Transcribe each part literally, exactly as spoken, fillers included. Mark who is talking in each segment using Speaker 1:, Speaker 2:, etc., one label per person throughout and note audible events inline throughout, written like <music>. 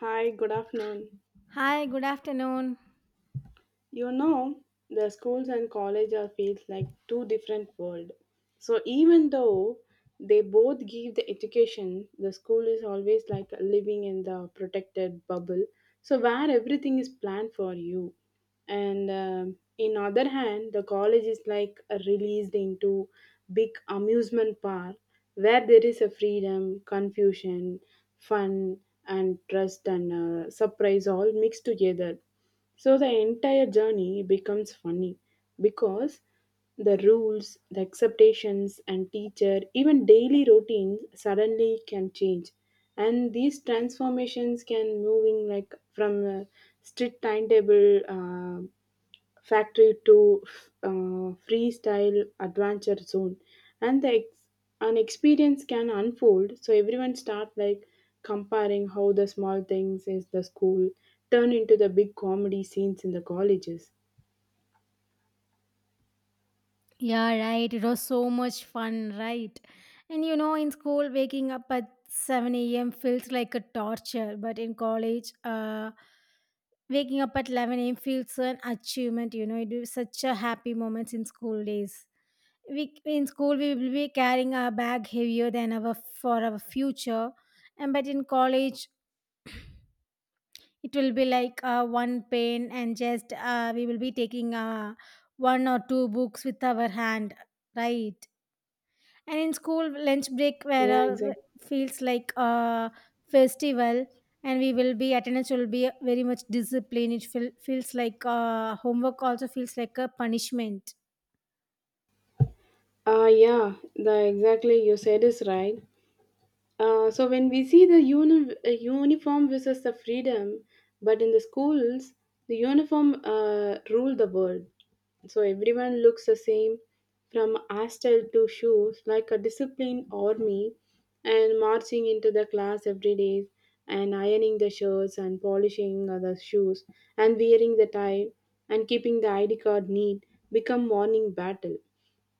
Speaker 1: Hi, good afternoon.
Speaker 2: Hi, good afternoon.
Speaker 1: You know, the schools and college are feels like two different world. So even though they both give the education, the school is always like living in the protected bubble. So where everything is planned for you, and um, in other hand, the college is like released into big amusement park where there is a freedom, confusion, fun, and trust and uh, surprise all mixed together so the entire journey becomes funny because the rules, the expectations, and teacher, even daily routines suddenly can change. And these transformations can moving like from a strict timetable. Uh, Factory to uh, Freestyle Adventure Zone, and the ex- an experience can unfold. So everyone start like comparing how the small things is the school turn into the big comedy scenes in the colleges.
Speaker 2: Yeah, right. It was so much fun, right? And you know, in school, waking up at seven a m feels like a torture, but in college, uh, waking up at eleven a m feels an achievement. You know, it is such a happy moments in school days. We in school we will be carrying our bag heavier than our for our future, and but in college it will be like uh, one pen and just uh, we will be taking uh, one or two books with our hand, right. And in school lunch break where
Speaker 1: Yeah,
Speaker 2: uh,
Speaker 1: exactly.
Speaker 2: feels like a festival, and we will be attendance will be very much disciplined, it feel, feels like uh, homework also feels like a punishment.
Speaker 1: Uh, yeah, the exactly you said is right. Uh, so when we see the uni- uh, uniform versus the freedom, but in the schools, the uniform uh, rule the world. So everyone looks the same, from astel to shoes, like a disciplined army, and marching into the class every day, and ironing the shirts and polishing uh, the shoes, and wearing the tie, and keeping the I D card neat become morning battle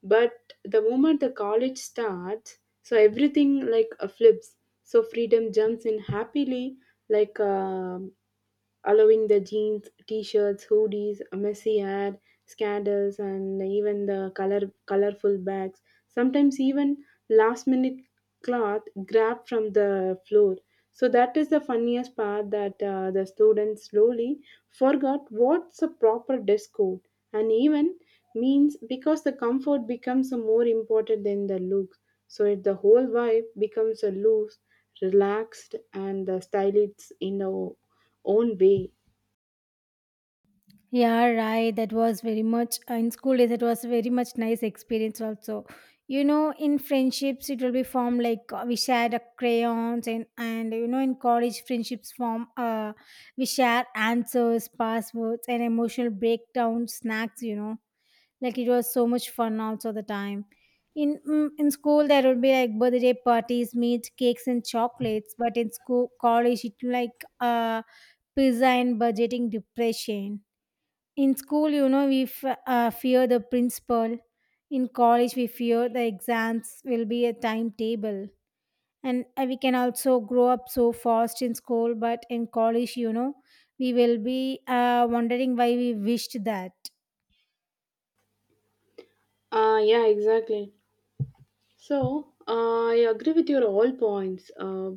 Speaker 1: but the moment the college starts so everything like uh, flips so freedom jumps in happily like um allowing the jeans t-shirts hoodies messy hair, scandals and even the color colorful bags sometimes even last minute cloth grabbed from the floor. So that is the funniest part that uh, the students slowly forgot what's a proper dress code and even means because the comfort becomes more important than the look. So if the whole vibe becomes a loose, relaxed, and the stylish in the own way.
Speaker 2: Yeah, right. That was very much uh, in school days. It was very much nice experience also. You know, in friendships, it will be formed like uh, we shared uh, crayons and and you know in college friendships form. Uh, we share answers, passwords, and emotional breakdown snacks. You know, like it was so much fun also the time. In mm, in school, there would be like birthday parties, meat, cakes, and chocolates. But in school, college, it like uh pizza and budgeting depression. In school you know we f- uh, fear the principal, in college we fear the exams will be a timetable. And uh, we can also grow up so fast in school, but in college you know we will be uh, wondering why we wished that.
Speaker 1: Ah, yeah, exactly. So uh, I agree with your all points. Uh,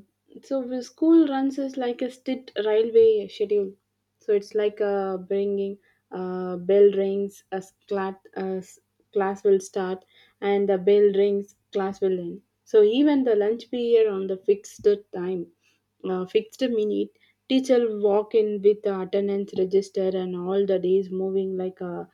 Speaker 1: So the school runs is like a state railway schedule. So it's like uh, bringing uh, bell rings as class as class will start and the bell rings class will end. So even the lunch period on the fixed time, uh, fixed minute, teacher walk in with the attendance register and all the days moving like a,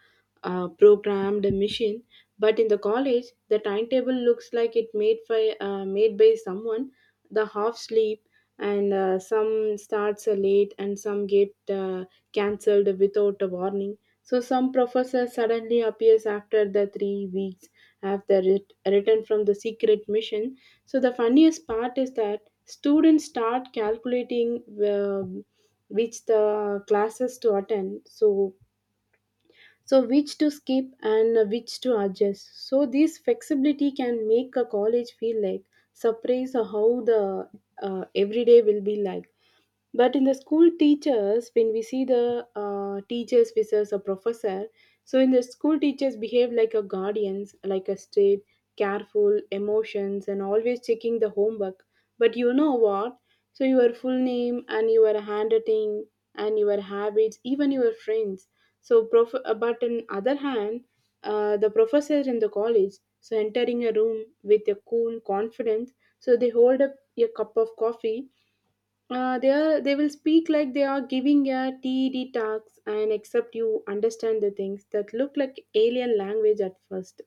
Speaker 1: a programmed machine but in the college, the timetable looks like it made by uh, made by someone. The half sleep and uh, some starts uh, late and some get uh, cancelled without a warning. So some professor suddenly appears after the three weeks after it written from the secret mission. So the funniest part is that students start calculating um, which the classes to attend. So so which to skip and which to adjust so this flexibility can make a college feel like surprise how the uh, everyday will be like but in the school teachers when we see the uh, teachers versus a professor so in the school teachers behave like a guardians like a strict, careful emotions and always checking the homework but you know what so your full name and your handwriting and your habits even your friends so prof- uh, but on other hand uh, the professor in the college so entering a room with a cool confidence so they hold up a cup of coffee uh, they are they will speak like they are giving a TED talks and except you understand the things that look like alien language at first.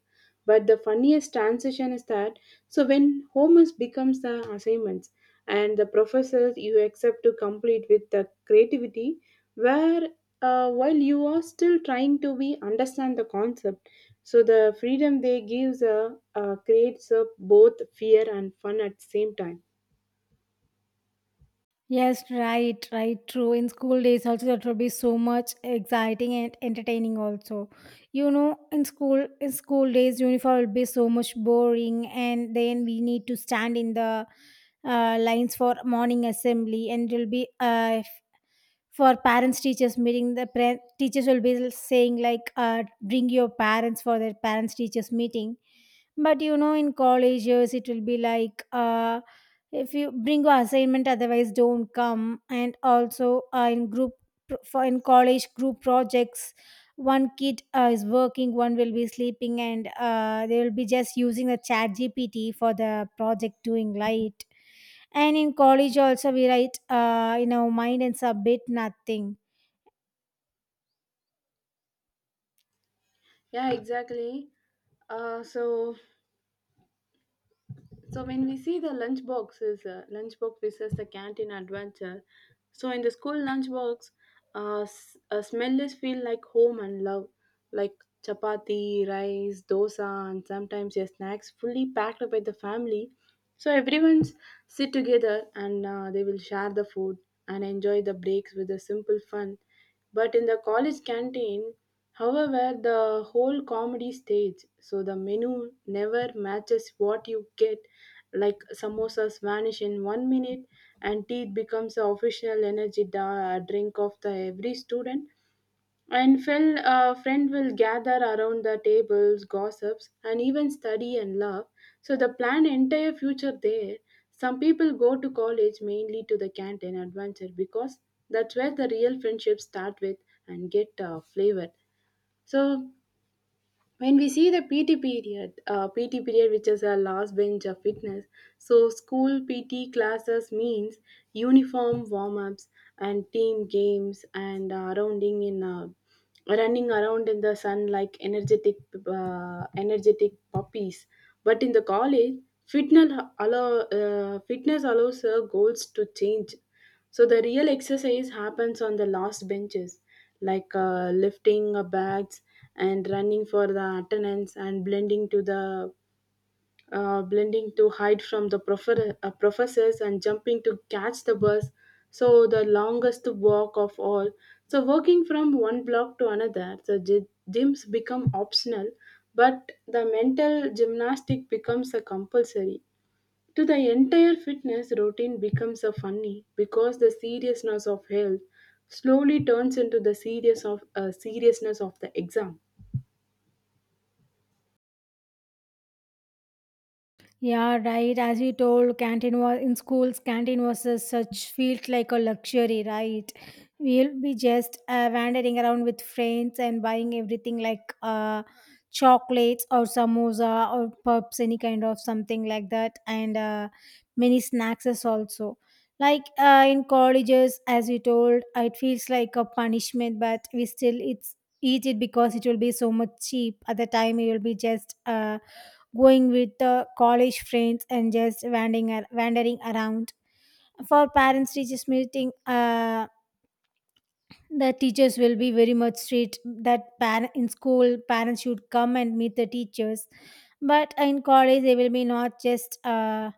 Speaker 1: But the funniest transition is that so when homework becomes the assignments and the professors you accept to complete with the creativity, where uh, while you are still trying to be understand the concept, so the freedom they gives uh, uh, creates uh, both fear and fun at the same time.
Speaker 2: Yes, right, right, true. In school days, also that will be so much exciting and entertaining. Also, you know, in school, in school days, uniform will be so much boring, and then we need to stand in the uh, lines for morning assembly, and it will be uh, f- for parents teachers meeting. The pre- teachers will be saying like, uh, "Bring your parents for their parents teachers meeting." But you know in college years it will be like uh, if you bring your assignment otherwise don't come. And also uh, in group pro- for in college group projects, one kid uh, is working, one will be sleeping, and uh, they will be just using the chat gpt for the project doing light. And in college also we write uh, in our mind and submit nothing.
Speaker 1: Yeah, exactly. Uh, so so when we see the lunch boxes, uh, lunchbox versus the canteen adventure. So in the school lunchbox, uh, s- uh, smell is feel like home and love, like chapati, rice, dosa, and sometimes your snacks fully packed up by the family. So everyone's sit together and uh, they will share the food and enjoy the breaks with the simple fun. But in the college canteen, however, the whole comedy stage, so the menu never matches what you get like samosas vanish in one minute and tea becomes the official energy da- drink of the every student and fel, uh, friend will gather around the tables gossips and even study and love so the plan entire future there some people go to college mainly to the canteen adventure because that's where the real friendships start with and get uh, flavor so when we see the pt period uh, pt period which is a last bench of fitness so school pt classes means uniform warm-ups and team games and uh, rounding in uh, running around in the sun like energetic uh, energetic puppies but in the college fitness allow uh, fitness allows uh, goals to change so the real exercise happens on the last benches, like uh, lifting uh, bags and running for the attendance and blending to the uh, blending to hide from the profer- uh, professors and jumping to catch the bus. So the longest walk of all. So working from one block to another, so gy- gyms become optional, but the mental gymnastic becomes a compulsory. To the entire fitness routine becomes a funny because the seriousness of health slowly turns into the serious of uh, seriousness of the exam.
Speaker 2: Yeah, right. As you told, canteen was in schools. Canteen was a such felt like a luxury, right? We'll be just uh, wandering around with friends and buying everything like uh, chocolates or samosa or pups, any kind of something like that, and uh, many snacks is also. Like uh, in colleges, as you told, it feels like a punishment, but we still it's eat it because it will be so much cheap. At the time, it will be just. Uh, going with uh, college friends and just wandering, ar- wandering around. For parents teachers meeting, uh, the teachers will be very much strict that par- in school parents should come and meet the teachers, but in college they will be not just. Uh,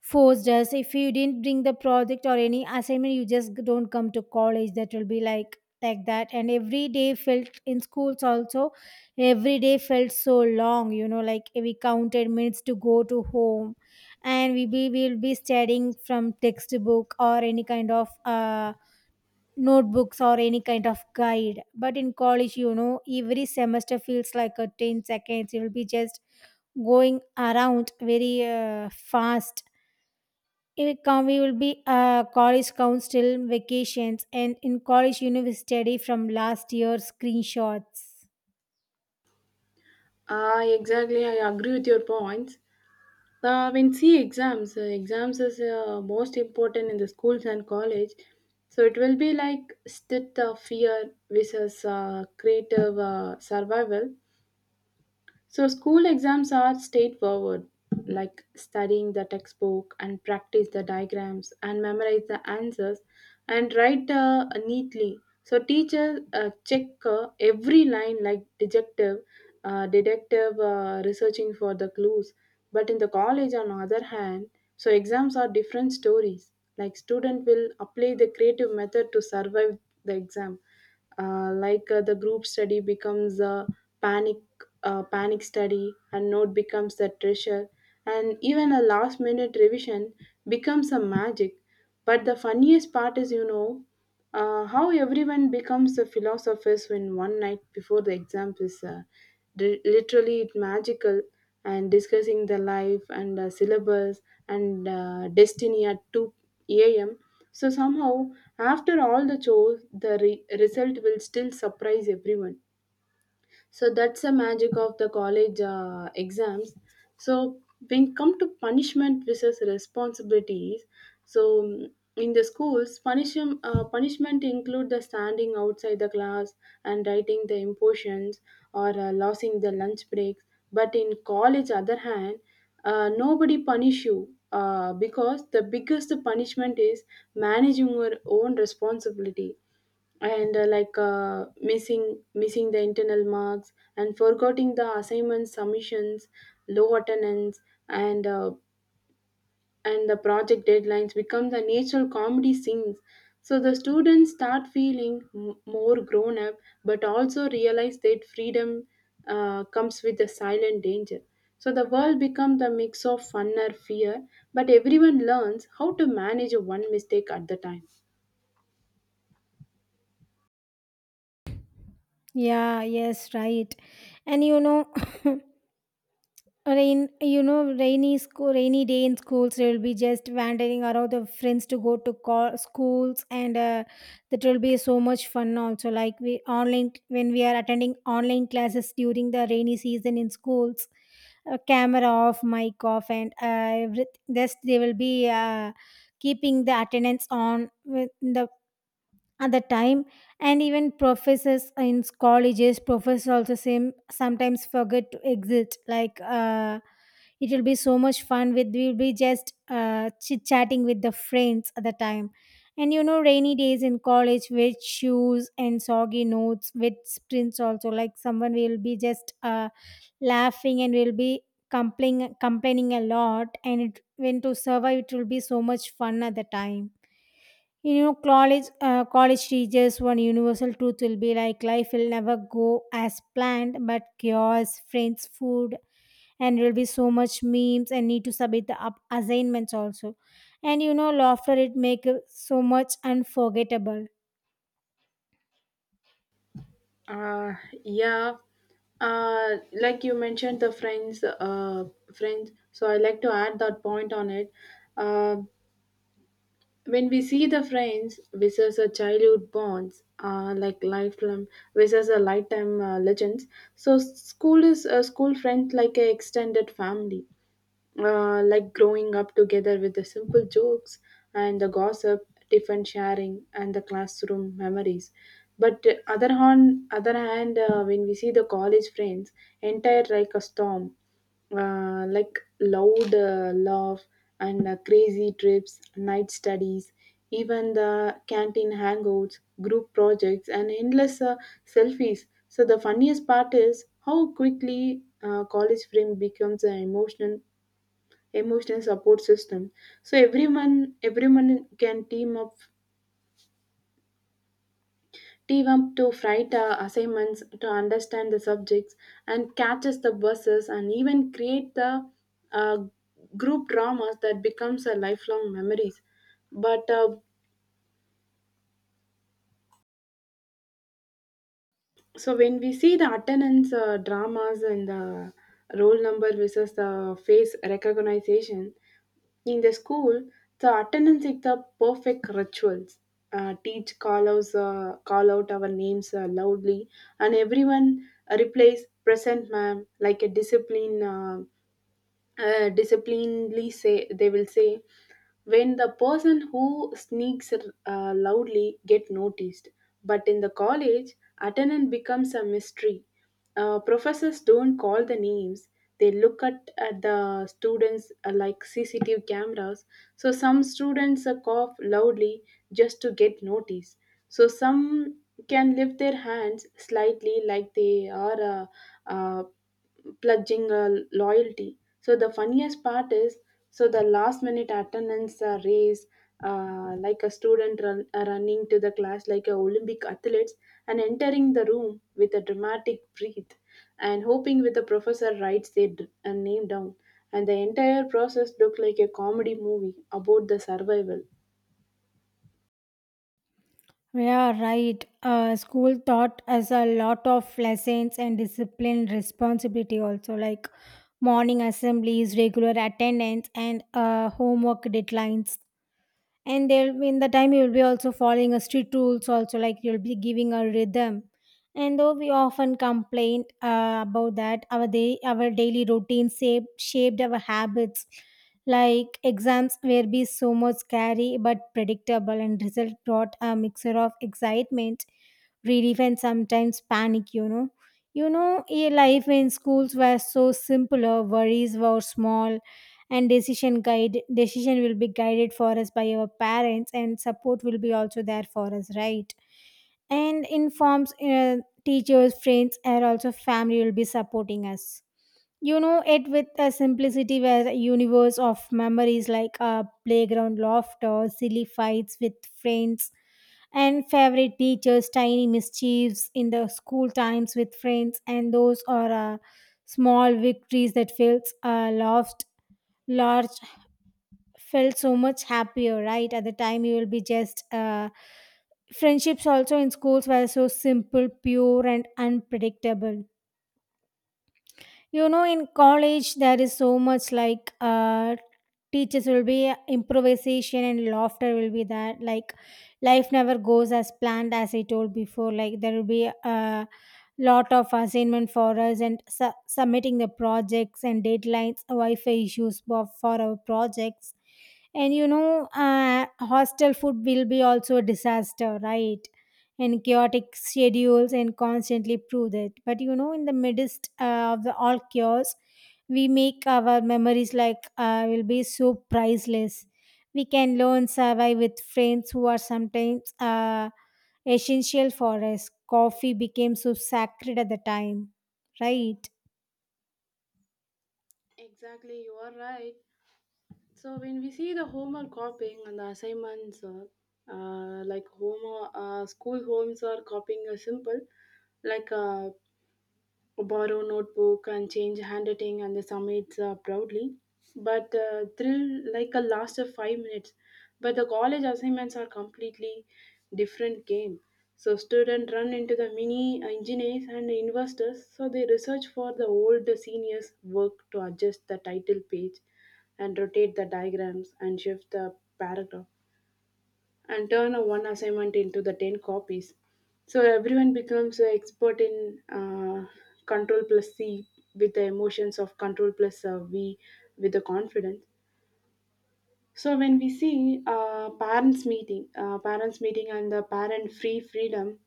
Speaker 2: Forced us if you didn't bring the project or any assignment you just don't come to college, that will be like like that. And every day felt in schools also, every day felt so long you know, like we counted minutes to go to home. And we be we will be studying from textbook or any kind of uh notebooks or any kind of guide, but in college you know every semester feels like a ten seconds, you will be just going around very uh, fast. It com- we will be uh, college council vacations, and in college university study from last year screenshots.
Speaker 1: Ah, exactly. I agree with your points. Uh, when see exams, uh, exams is uh, most important in the schools and college. So it will be like state of fear versus uh, creative uh, survival. So, school exams are straightforward, like studying the textbook and practice the diagrams and memorize the answers and write uh, neatly. So, teachers uh, check uh, every line like detective, uh, detective uh, researching for the clues. But in the college, on the other hand, so exams are different stories. Like student will apply the creative method to survive the exam uh, like uh, the group study becomes a panic uh, panic study, a note becomes the treasure, and even a last minute revision becomes a magic. But the funniest part is, you know, uh, how everyone becomes a philosophers when one night before the exam is uh, di- literally magical and discussing the life and uh, syllabus and uh, destiny at two a.m so somehow, after all the chores, the re- result will still surprise everyone so that's the magic of the college uh, exams so when it come to punishment versus responsibilities so mm, in the schools punishment uh, punishment include the standing outside the class and writing the impositions or uh, losing the lunch breaks but in college other hand uh, nobody punish you uh, because the biggest punishment is managing your own responsibility and uh, like uh, missing missing the internal marks and forgetting the assignments submissions low attendance and uh, and the project deadlines become the natural comedy scenes so the students start feeling m- more grown up but also realize that freedom uh, comes with a silent danger so the world becomes the mix of fun or fear but everyone learns how to manage one mistake at the time
Speaker 2: Yeah, yes, right. And you know, <laughs> rain, you know, rainy school, rainy day in schools. They will be just wandering around the friends to go to co- schools, and uh, that will be so much fun. Also, like we online when we are attending online classes during the rainy season in schools, uh, camera off, mic off, and uh, everyth- just they will be uh, keeping the attendance on with the at the time. And even professors in colleges professors also same sometimes forget to exit like uh, it will be so much fun with we will be just uh, chit chatting with the friends at the time. And you know rainy days in college with shoes and soggy notes with sprints also, like someone will be just uh, laughing and will be complaining complaining a lot, and it when to survive it will be so much fun at the time. You know, college uh, college teachers one universal truth will be like life will never go as planned, but chaos, friends, food, and there will be so much memes and need to submit the up- assignments also. And you know, laughter it make it so much unforgettable.
Speaker 1: Uh, yeah. Uh, like you mentioned the friends, uh, friends. So I like to add that point on it. Uh, when we see the friends, versus a childhood bonds, uh, like lifelong versus a lifetime uh, legends. So school is a school friend like a extended family, uh, like growing up together with the simple jokes and the gossip, different sharing, and the classroom memories. But uh, other on other hand, uh, when we see the college friends, entire like a storm uh, like loud uh, laugh and uh, crazy trips, night studies, even the canteen hangouts, group projects, and endless uh, selfies. So the funniest part is how quickly uh, college friend becomes an emotional emotional support system. So everyone everyone can team up team up to write uh, assignments to understand the subjects and catches the buses and even create the uh, group dramas that becomes a lifelong memories but uh, so when we see the attendance uh, dramas and the roll number versus the face recognition in the school, the attendance is the perfect rituals. Uh, teach call outs, uh, call out our names uh, loudly, and everyone replies present, ma'am, like a discipline. Uh, uh, disciplinedly say they will say when the person who sneaks uh, loudly get noticed but in the college attendance becomes a mystery uh, professors don't call the names they look at, at the students uh, like C C T V cameras so some students uh, cough loudly just to get noticed so some can lift their hands slightly like they are uh, uh, pledging uh, loyalty. So the funniest part is, so the last minute attendance uh, race, uh, like a student run, uh, running to the class like a Olympic athletes, and entering the room with a dramatic breath, and hoping with the professor writes their d- uh, name down. And the entire process looked like a comedy movie about the survival.
Speaker 2: Yeah, right. Uh, school taught us a lot of lessons and discipline responsibility also, like morning assemblies, regular attendance, and uh, homework deadlines. And there in the time you'll be also following a strict rules also, like you'll be giving a rhythm. And though we often complain uh, about that our day our daily routine shape shaped our habits, like exams were be so much scary but predictable, and result brought a mixture of excitement, relief, and sometimes panic, you know. You know, a life in schools were so simpler, worries were small, and decision guide decision will be guided for us by our parents, and support will be also there for us, right. And informs uh, teachers, friends, and also family will be supporting us. You know, it with a simplicity where a universe of memories, like uh, playground laughter, silly fights with friends, and favorite teachers, tiny mischiefs in the school times with friends, and those are uh, small victories that feels uh, lost large, felt so much happier, right. At the time you will be just uh, friendships also in schools were so simple, pure, and unpredictable. You know, in college there is so much like uh teachers will be improvisation and laughter will be that, like life never goes as planned, as I told before, like there will be a lot of assignment for us, and su- submitting the projects and deadlines, wi-fi issues for, for our projects. And you know uh, hostel food will be also a disaster, right. And chaotic schedules and constantly prove that. But you know, in the midst uh, of the all chaos, we make our memories like uh, will be so priceless. We can learn survive with friends who are sometimes uh, essential for us. Coffee became so sacred at the time, right?
Speaker 1: Exactly, you are right. So when we see the homework copying and the assignments, uh, uh, like home, uh, school homes are copying a simple, like uh, borrow notebook and change handwriting and the summits uh, proudly, but uh, thrill like a last of five minutes. But the college assignments are completely different game. So students run into the mini engineers and investors, so they research for the old seniors work to adjust the title page and rotate the diagrams and shift the paragraph and turn a one assignment into the ten copies. So everyone becomes an expert in uh, control plus c with the emotions of control plus uh, v with the confidence. So when we see uh, parents meeting uh, parents meeting and the parent free freedom.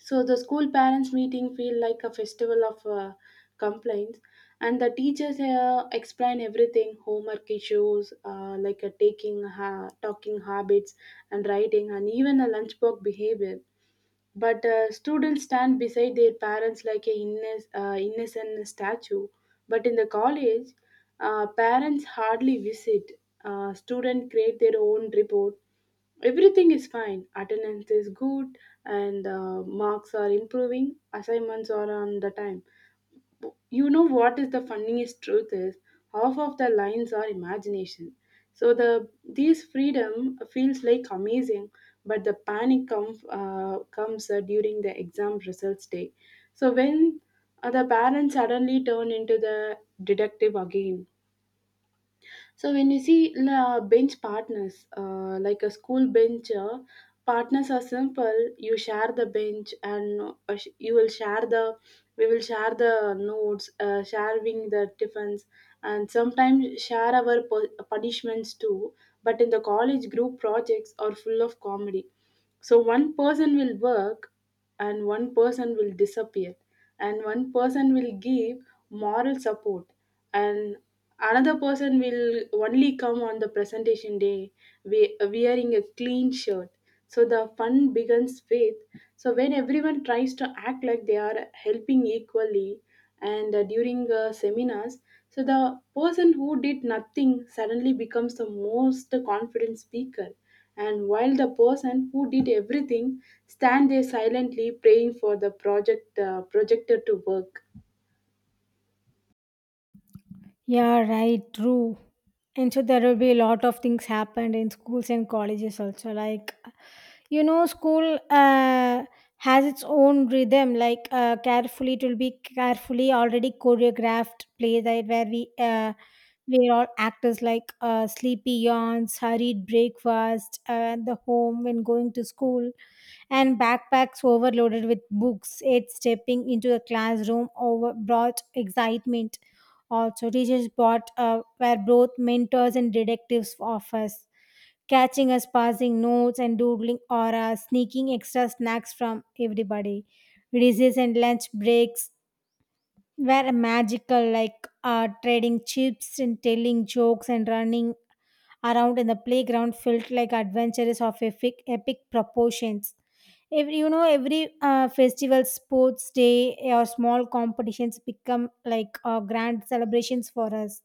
Speaker 1: So the school parents meeting feel like a festival of uh, complaints, and the teachers here explain everything: homework issues, uh, like uh, taking ha- talking habits, and writing, and even a lunchbox behavior. But uh, students stand beside their parents like a innes- uh, innocent statue. But in the college, uh, parents hardly visit. Uh, students create their own report. Everything is fine, attendance is good, and uh, marks are improving, assignments are on the time. You know what is the funniest truth is half of the lines are imagination. So the these freedom feels like amazing, but the panic come, uh, comes uh, during the exam results day. So when uh, the parents suddenly turn into the detective again. So when you see la bench partners, uh, like a school bench, uh, partners are simple. You share the bench, and uh, sh- you will share the, we will share the notes, uh, sharing the tiffins, and sometimes share our pu- punishments too. But in the college, group projects are full of comedy. So one person will work, and one person will disappear, and one person will give moral support, and another person will only come on the presentation day, we- wearing a clean shirt. So the fun begins with, so when everyone tries to act like they are helping equally, and uh, during uh, seminars, so the person who did nothing suddenly becomes the most confident speaker, and while the person who did everything stand there silently praying for the project uh, projector to work.
Speaker 2: Yeah, right, true. And so there will be a lot of things happened in schools and colleges also. Like, you know, school uh, has its own rhythm. Like, uh, carefully it will be carefully already choreographed play that where we uh, we are all actors. Like, uh, sleepy yawns, hurried breakfast uh, at the home when going to school, and backpacks overloaded with books. It stepping into the classroom over brought excitement, also teachers brought uh, were both mentors and detectives of us, catching us passing notes and doodling, or uh, sneaking extra snacks from everybody. Recess and lunch breaks were magical, like uh, trading chips and telling jokes and running around in the playground felt like adventures of epic, epic proportions. Every, you know, every uh, festival, sports day, or small competitions become like uh, grand celebrations for us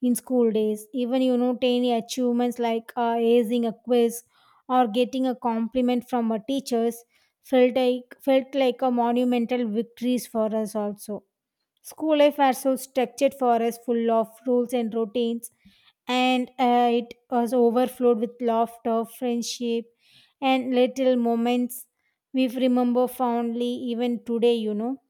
Speaker 2: in school days. Even, you know, tiny achievements like uh, acing a quiz or getting a compliment from our teachers felt like, felt like a monumental victories for us also. School life was so structured for us, full of rules and routines, and uh, it was overflowed with laughter, friendship, and little moments we remember fondly even today, you know.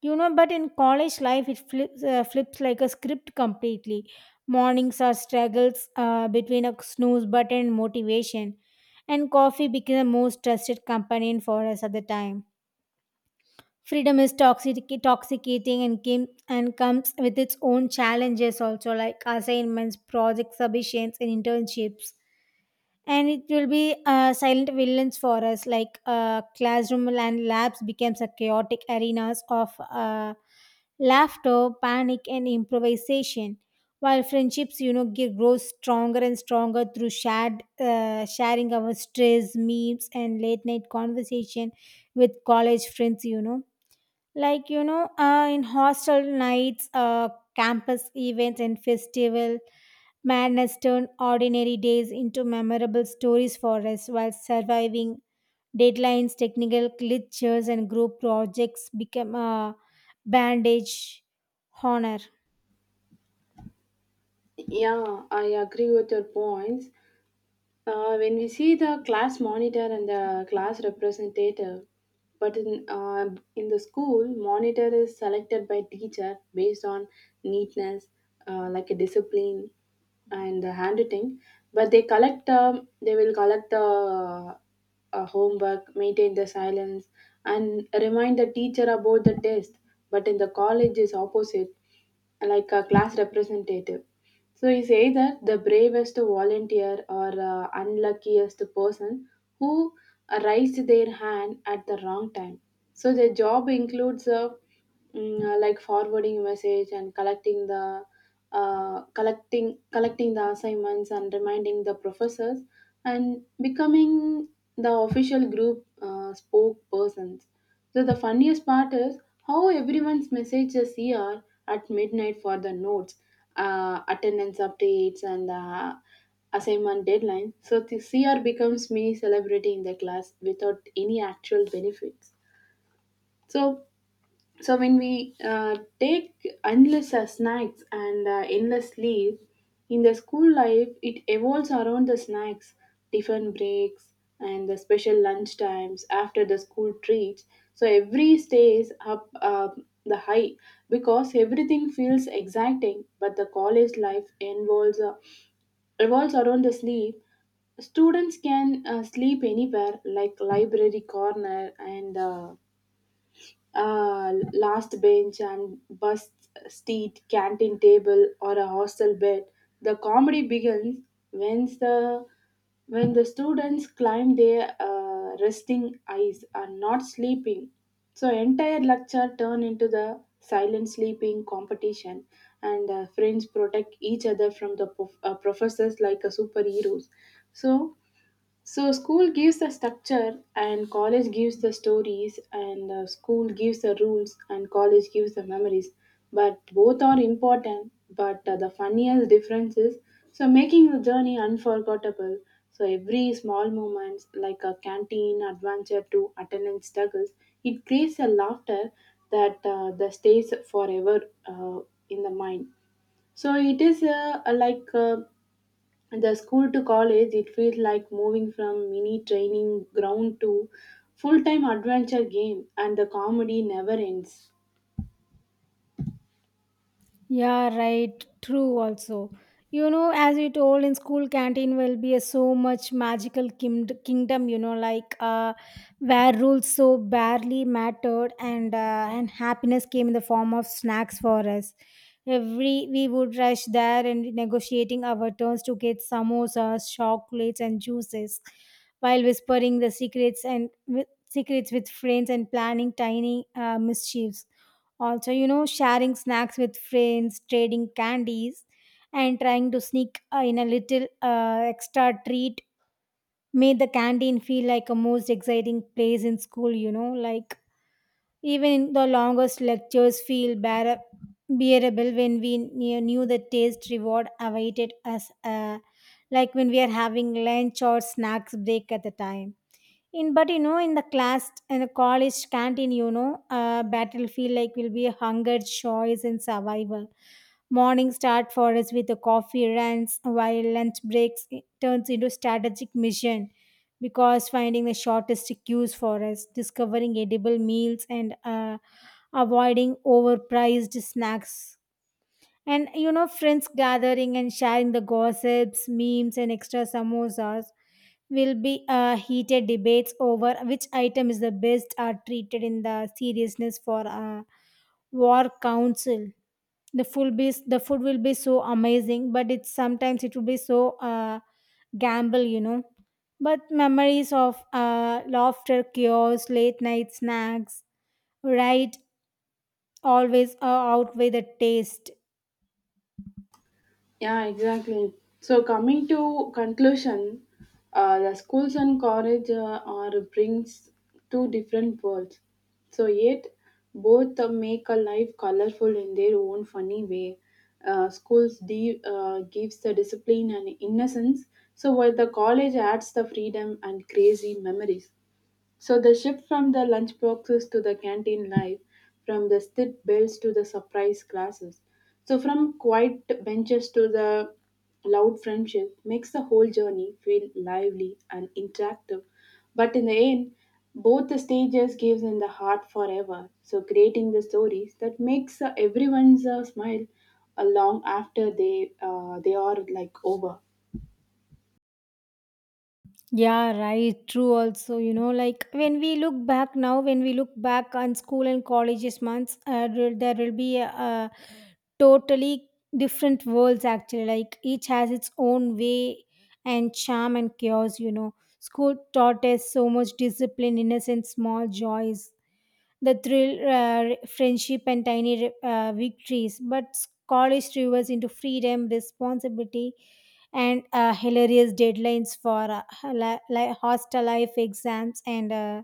Speaker 2: You know, but in college life, it flips, uh, flips like a script completely. Mornings are struggles uh, between a snooze button and motivation, and coffee became the most trusted companion for us at the time. Freedom is toxic toxicating and came and comes with its own challenges also, like assignments, project submissions, and internships, and it will be uh, silent villains for us, like uh, classroom and labs becomes a chaotic arenas of uh, laughter, panic, and improvisation, while friendships you know get grows stronger and stronger through shared uh, sharing our stress, memes, and late night conversation with college friends, you know. Like you know uh, in hostel nights, uh, campus events and festival madness turned ordinary days into memorable stories for us, while surviving deadlines, technical glitches, and group projects became a bandage honor.
Speaker 1: Yeah, I agree with your points. Uh, when we see the class monitor and the class representative, but in uh, in the school, monitor is selected by teacher based on neatness, uh, like a discipline, and the handwriting. But they collect um, they will collect the uh, homework, maintain the silence, and remind the teacher about the test. But in the college is opposite, like a class representative. So he say that the bravest volunteer or uh, unluckiest person who raised their hand at the wrong time. So the job includes uh, mm, uh, like forwarding message and collecting the uh, collecting collecting the assignments and reminding the professors and becoming the official group uh, spokespersons. So the funniest part is how everyone's messages here at midnight for the notes, uh, attendance updates, and uh, assignment deadline. So the C R becomes mini celebrity in the class without any actual benefits. So so when we uh, take endless uh, snacks and uh, endless leaves in the school life, it evolves around the snacks, tiffin breaks, and the special lunch times after the school treats. So every stays up uh, the high because everything feels exciting. But the college life involves uh, revolves around the sleep. Students can uh, sleep anywhere, like library corner and. Uh, uh, last bench and bus seat, canteen table, or a hostel bed. The comedy begins when the when the students climb their uh, resting eyes are not sleeping. So entire lecture turn into the silent sleeping competition, and uh, friends protect each other from the prof- uh, professors like a superheroes. So so school gives the structure and college gives the stories, and uh, school gives the rules and college gives the memories. But both are important, but uh, the funniest difference is so making the journey unforgettable. So every small moments like a canteen adventure to attendance struggles, it creates a laughter that uh, that stays forever uh, in the mind. So it is uh, like uh, the school to college, it feels like moving from mini training ground to full-time adventure game, and the comedy never ends.
Speaker 2: Yeah, right. True, also. You know, as you told in school canteen will be a so much magical kind- kingdom, you know, like uh, where rules so barely mattered and uh, and happiness came in the form of snacks for us. Every we would rush there and negotiating our turns to get samosas, chocolates, and juices, while whispering the secrets and with, secrets with friends and planning tiny uh, mischiefs also, you know, sharing snacks with friends, trading candies, and trying to sneak uh, in a little uh, extra treat made the canteen feel like a most exciting place in school, you know, like even the longest lectures feel bear- bearable when we knew knew the taste reward awaited us, uh, like when we are having lunch or snacks break at the time. In but you know, in the class in the college canteen, you know, uh, battlefield like will be hunger, choice, and survival. Morning start for us with the coffee runs, while lunch breaks it turns into strategic mission, because finding the shortest queues for us, discovering edible meals, and uh, avoiding overpriced snacks. And you know, friends gathering and sharing the gossips, memes, and extra samosas will be uh, heated debates over which item is the best are treated in the seriousness for a war council. The food be the food will be so amazing, but it's sometimes it will be so uh, gamble, you know. But memories of uh, laughter, chaos, late night snacks, right? Always uh, outweigh the taste.
Speaker 1: Yeah, exactly. So coming to conclusion, uh, the schools and college uh, are brings two different worlds, so yet both uh, make a life colorful in their own funny way. Uh, schools de- uh, gives the discipline and innocence, so while the college adds the freedom and crazy memories. So the shift from the lunch boxes to the canteen life, from the stit bells to the surprise classes, so from quiet benches to the loud friendship makes the whole journey feel lively and interactive. But in the end, both the stages gives in the heart forever, so creating the stories that makes uh, everyone's uh, smile uh, long after they uh, they are like over.
Speaker 2: Yeah, right. True, also. You know, like when we look back now, when we look back on school and colleges months, uh, there there will be a, a totally different worlds actually. Like each has its own way and charm and chaos, you know. School taught us so much discipline, innocence, small joys, the thrill, uh, friendship, and tiny uh, victories, but college rivers into freedom, responsibility, and uh, hilarious deadlines for uh, li- li- hostel life exams and uh,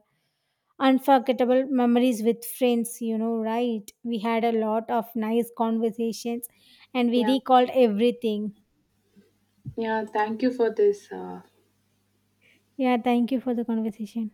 Speaker 2: unforgettable memories with friends. You know, right? We had a lot of nice conversations and we
Speaker 1: Yeah,
Speaker 2: recalled everything.
Speaker 1: yeah. Thank you for this. Uh,
Speaker 2: Yeah, thank you for the conversation.